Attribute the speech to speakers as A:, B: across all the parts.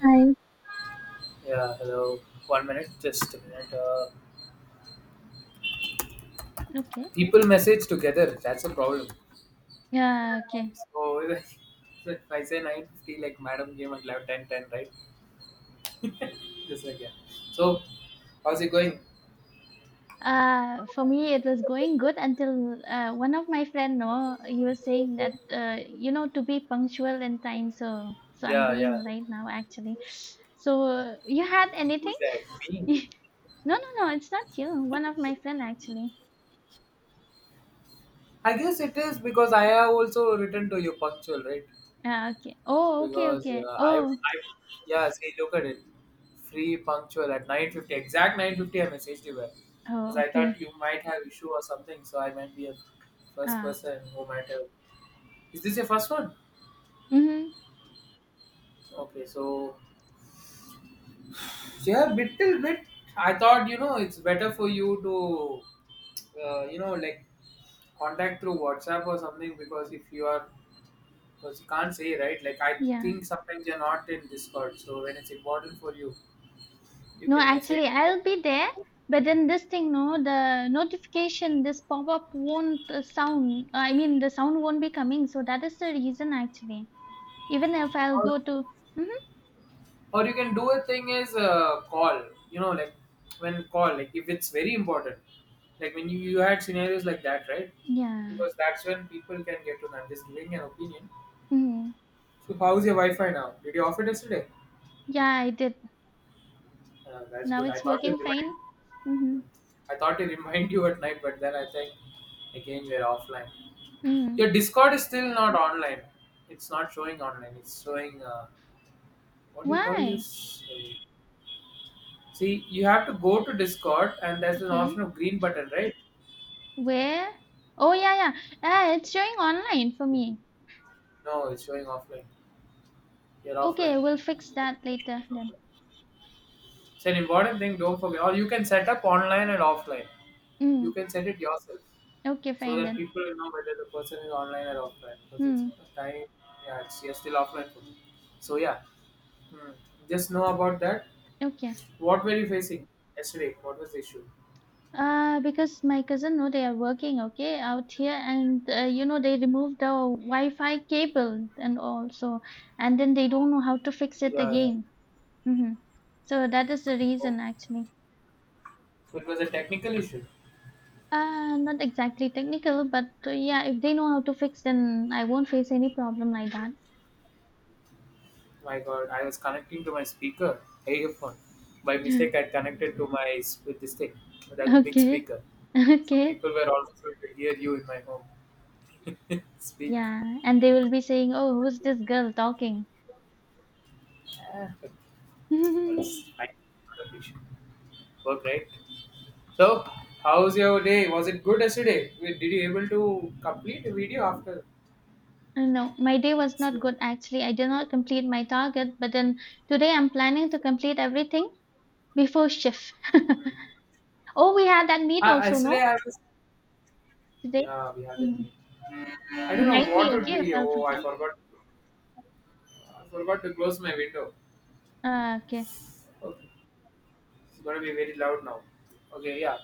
A: Hi.
B: Yeah, hello. One minute, just a minute.
A: Okay.
B: People message together. That's a problem.
A: Yeah, okay.
B: So so if I say 9:50, like madam came at like 10:10, right? Just like, yeah. So, how's it going?
A: For me, it was going good until one of my friend, no, he was saying that you know to be punctual in time. So I'm
B: Yeah,
A: being
B: yeah.
A: right now actually. So, you had anything?
B: Who's that? Me.
A: No, no, no. It's not you. One of my friend actually.
B: I guess it is because I have also written to you punctual, right?
A: Okay. Oh, okay,
B: Because
A: okay.
B: I,
A: Oh,
B: I yeah, see, look at it. Free, punctual at 9:50, exact 9:50, I messaged you back because
A: oh,
B: I thought
A: okay.
B: you might have issue or something, so I might be a first
A: Ah.
B: person who might have. Is this your first one?
A: Mm-hmm.
B: Okay, so yeah, little bit. I thought, it's better for you to uh, you know like contact through WhatsApp or something. Because if you are, because you can't say right, like I
A: Yeah.
B: think sometimes you're not in Discord, so when it's important for you you
A: No,
B: can message.
A: actually, I'll be there, but then this thing, no, the notification, this pop up won't sound. I mean, the sound won't be coming. So that is the reason, actually. Even if I'll
B: Or,
A: go to, hmm
B: or you can do a thing is call. You know, like when call, like if it's very important, like when you had scenarios like that, right?
A: yeah,
B: Because that's when people can get to know. I'm just giving an opinion.
A: hmm
B: So how's your Wi-Fi now? Did you off it yesterday?
A: yeah, I did.
B: That's
A: Now
B: good. I
A: it's
B: thought to
A: working
B: remind.
A: fine. Mm-hmm.
B: Hmm. I thought to remind you at night, but then I think again we're offline.
A: Mm-hmm.
B: Your Discord is still not online. It's not showing online. It's showing, what do you call
A: Why?
B: this? See, you have to go to Discord and there's an option
A: Okay.
B: of green button, right?
A: Where? Oh, yeah, yeah. Ah, it's showing online for me.
B: No, it's showing offline. You're offline.
A: Okay, we'll fix that later then.
B: It's an important thing, don't forget. Or you can set up online and offline. You
A: Mm.
B: can set it yourself
A: Okay,
B: so
A: fine
B: that
A: then.
B: people will know whether the person is online or offline. Because it's
A: Mm.
B: time, yeah, it's, you're still offline for me. So, yeah, hmm. just know about that.
A: Okay.
B: What were you facing yesterday? What was the issue?
A: Because my cousin know they are working okay out here, and you know they removed the Wi-Fi cable and also, and then they don't know how to fix it
B: Yeah, yeah.
A: again. hmm So that is the
B: Oh.
A: reason actually.
B: So it was a technical issue.
A: Not exactly technical, but yeah, if they know how to fix, then I won't face any problem like that.
B: My God, I was connecting to my speaker, earphone. By mistake, I connected to with this thing, that big
A: Okay,
B: speaker. So
A: okay,
B: people were also able to hear you in my home speak.
A: yeah, and they will be saying, "Oh, who's this girl talking?"
B: That's I appreciate work, right? So, how's your day? Was it good yesterday? Did you able to complete the video after?
A: No, my day was not
B: So,
A: good actually. I did not complete my target, but then today I'm planning to complete everything before shift.
B: hmm.
A: Oh, we had that meet
B: Ah,
A: also,
B: yesterday
A: no?
B: I was.
A: Today?
B: Yeah, we had that
A: Mhm.
B: meeting. I don't
A: Remind
B: know
A: me,
B: what would
A: okay, if
B: be.
A: I'll
B: Oh, I
A: forget.
B: forgot. I forgot to close my window.
A: Okay.
B: Okay. It's gonna be very loud now. Okay, yeah.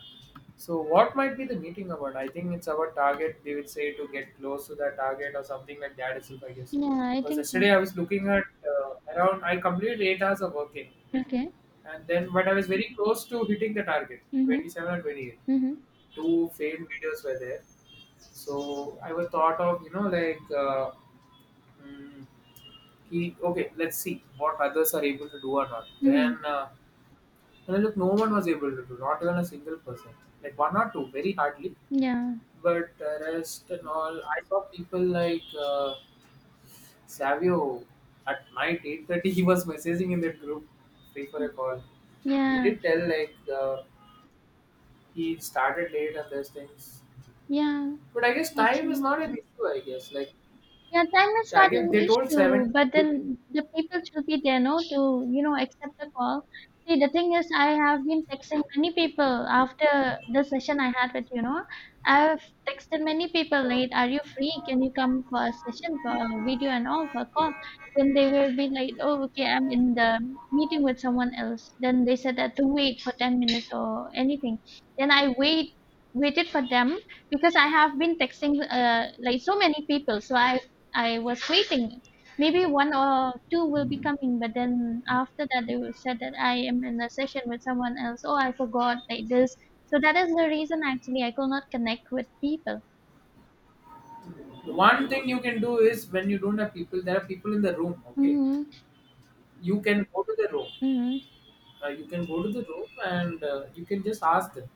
B: So what might be the meeting about? I think it's about target. They would say to get close to the target or something like that. Itself, I guess.
A: Yeah, I
B: Because
A: think so.
B: yesterday I was looking at around. I completed 8 hours of working,
A: Okay.
B: and then but I was very close to hitting the target,
A: Mm-hmm.
B: 27 or 28.
A: Mm-hmm.
B: Two failed videos were there. So I was thought of, like, mm, okay, let's see what others are able to do or not.
A: Mm-hmm.
B: Then and then, look, no one was able to do, not even a single person. Like one or two, very hardly.
A: Yeah.
B: But the rest and all, I saw people like, Savio at night 8:30, he was messaging in that group, free for a call. He
A: Yeah.
B: did tell like, he started late and those things.
A: Yeah.
B: But I guess time is
A: Actually.
B: not an issue, I guess. Like,
A: Yeah, time is
B: I
A: not
B: guess
A: an
B: they told
A: issue,
B: 7.
A: but then the people should be there, no, to, you know, accept the call. See, the thing is, I have been texting many people after the session I had with you, know. I've texted many people,
B: Uh,
A: late, are you free? Can you come for a session, for a video and all, for a call? Then they will be like, oh, okay, I'm in the meeting with someone else. Then they said that to wait for 10 minutes or anything. Then waited for them because I have been texting like so many people, so I was waiting. Maybe one or two will be coming, but then after that they will said that I am in a session with someone else. Oh, I forgot like this. So that is the reason actually I could not connect with people.
B: one thing you can do is when you don't have people, there are people in the room, okay?
A: Mm-hmm.
B: You can go to the room,
A: Mm-hmm.
B: you can go to the room and you can just ask them.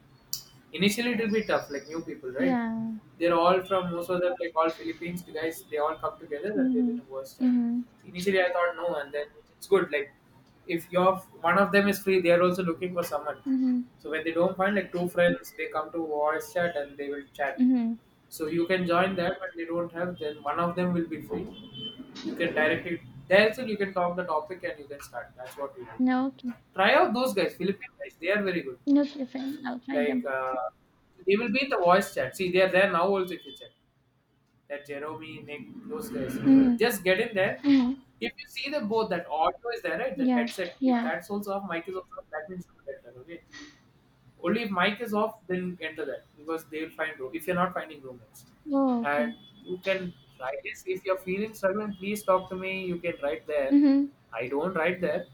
B: Initially, it will be tough, like new people, right?
A: Yeah.
B: They're all from most of them, like all Philippines guys. They all come together and they will
A: Mm-hmm.
B: worst time.
A: Mm-hmm.
B: Initially, I thought no, and then it's good. Like if you're one of them is free, they are also looking for someone.
A: Mm-hmm.
B: So when they don't find like two friends, they come to voice chat and they will chat.
A: Mm-hmm.
B: So you can join that, but they don't have. Then one of them will be free. You can directly there, so you can talk the topic and you can start. That's what we do.
A: No, okay.
B: Try out those guys, Philippine guys. They are very good.
A: No, different. I'll try
B: Like,
A: them.
B: they will be in the voice chat. See, they are there now also if you check. That Jeremy, Nick, those guys.
A: Mm-hmm.
B: Just get in there.
A: Mm-hmm.
B: If you see them both, that audio is there, right? That
A: Yeah.
B: headset. If
A: Yeah.
B: that's also off, mic is also off, that means you enter, okay? Only if mic is off, then enter that because they will find room. If you're not finding roommates,
A: Oh, okay.
B: and you can write this. If you're feeling struggling, please talk to me. You can write there.
A: Mm-hmm.
B: I don't write there,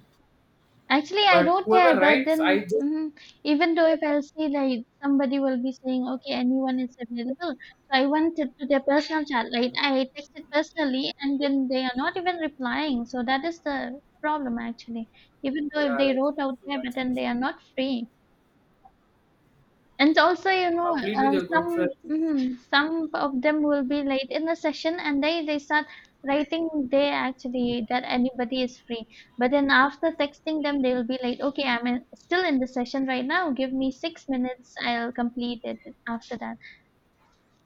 A: Actually, I
B: but
A: wrote there,
B: whoever
A: but
B: writes, I
A: then
B: just,
A: even though if I'll say like somebody will be saying, okay, anyone is available. So I went to their personal chat. Like I texted personally, and then they are not even replying. So that is the problem actually. Even though if
B: yeah,
A: they
B: that's an
A: wrote out
B: issue.
A: there, but
B: That's an
A: then
B: issue.
A: they are not free. And also, you know,
B: Complete with a good friend.
A: some some of them will be late in the session, and they start writing they actually that anybody is free. But then after texting them, they will be like, okay, I'm in, still in the session right now. Give me 6 minutes. I'll complete it after that.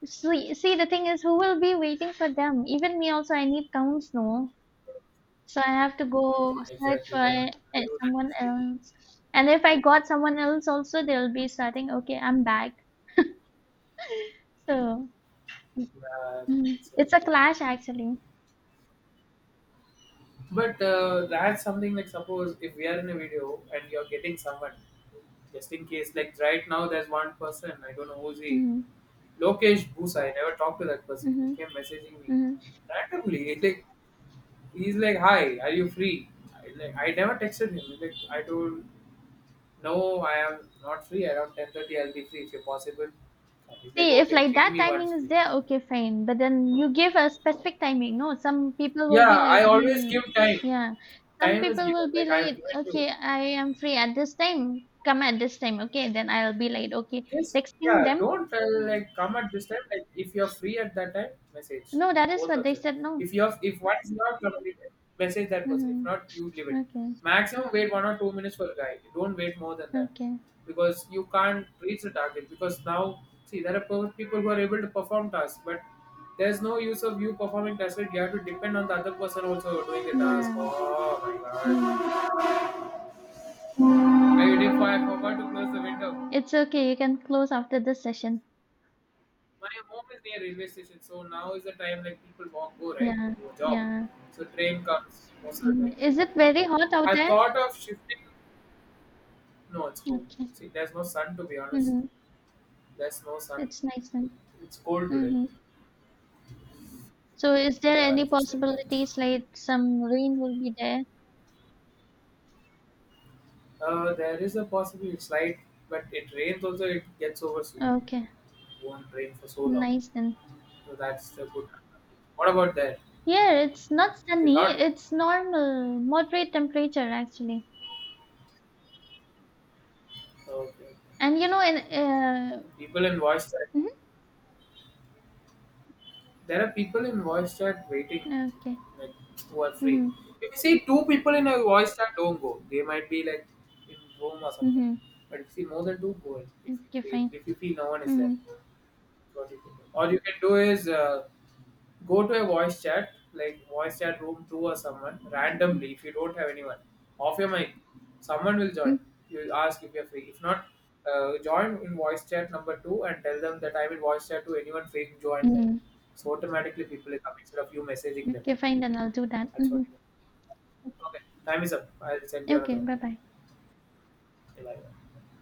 A: So see, the thing is, who will be waiting for them? Even me also, I need counts, no. So I have to go search
B: Exactly.
A: for
B: When I do that
A: someone
B: mistake.
A: else. And if I got someone else also, they'll be starting, okay, I'm back. So.
B: Yeah,
A: Mhm. It's a
B: absolutely.
A: clash actually.
B: But that's something like, suppose if we are in a video and you're getting someone, just in case, like right now there's one person, I don't know who's he,
A: hmm
B: Lokesh Bhusa, I never talked to that person. He
A: hmm
B: came messaging me
A: hmm
B: randomly. It's like he's like, "Hi, are you free?" Like I never texted him. Like I told, no, I am not free. Around 10:30, I'll be free if you're possible. He's like,
A: See, if
B: okay,
A: like
B: ping
A: that
B: me
A: timing
B: once
A: is
B: free.
A: there, okay, fine. But then you give a specific timing. No, some people will be
B: Yeah,
A: like,
B: I always
A: hmm,
B: give time.
A: yeah. Some
B: Time is
A: people
B: given.
A: will be
B: Like I've
A: like,
B: given you.
A: okay, I am free at this time. Come at this time, okay? Then I'll be like, okay,
B: Just,
A: texting
B: yeah,
A: them.
B: don't tell
A: Mhm.
B: like come at this time. Like if you're free at that time, message
A: No, that is
B: both
A: what
B: of
A: they
B: them.
A: said. No.
B: If one is not completed, message that person. If
A: hmm
B: not, you leave it.
A: Okay.
B: Maximum wait 1 or 2 minutes for a guy. Don't wait more than that
A: Okay.
B: because you can't reach the target. Because now see there are people who are able to perform tasks, but there's no use of you performing tasks, right? You have to depend on the other person also doing the task.
A: Yeah.
B: Oh my
A: Mm.
B: god! I forgot to close the window.
A: It's okay. You can close after this session.
B: My home is near railway station, so now is the time like people walk go right to
A: Yeah.
B: go job.
A: Yeah.
B: So train comes most of the
A: Mm.
B: time.
A: Is
B: See.
A: it very hot out
B: I
A: there?
B: thought of shifting. No, it's cold.
A: Okay.
B: See, there's no sun to be honest.
A: Mm-hmm.
B: There's no sun.
A: It's nice then.
B: It's cold today.
A: Mm-hmm. So is there
B: Yeah,
A: any
B: just like that.
A: possibilities like some rain will be there?
B: There is a possibility it's light, but it rains also. It gets over soon.
A: Okay.
B: It Won't rain for so long.
A: Nice then.
B: So that's the good. What about that?
A: Yeah, it's not
B: Is it
A: sunny.
B: hot?
A: It's normal, moderate temperature actually.
B: Okay.
A: And you know, in
B: People in voice chat. There are people in voice chat waiting,
A: mhm, okay.
B: like who are free.
A: Mm-hmm.
B: If you see two people in a voice chat, don't go. They might be like in Rome or something.
A: Mm-hmm.
B: But if you see more than two, go. If you
A: Okay,
B: feel,
A: fine.
B: if you feel no one is there.
A: Mm-hmm.
B: What you can do, or you can do is go to a voice chat, like voice chat room two or someone randomly. If you don't have anyone, off your mic, someone will join.
A: Mm-hmm.
B: You ask if you're free. If not, join in voice chat number two and tell them that I'm in voice chat to anyone free. Join there.
A: Mm-hmm.
B: So automatically people will come instead of you messaging them.
A: Okay, fine. Then I'll do that.
B: That's
A: Mm-hmm.
B: what you can do. Okay, time is up. I'll send you another
A: Okay.
B: one.
A: Bye bye.
B: Okay, bye.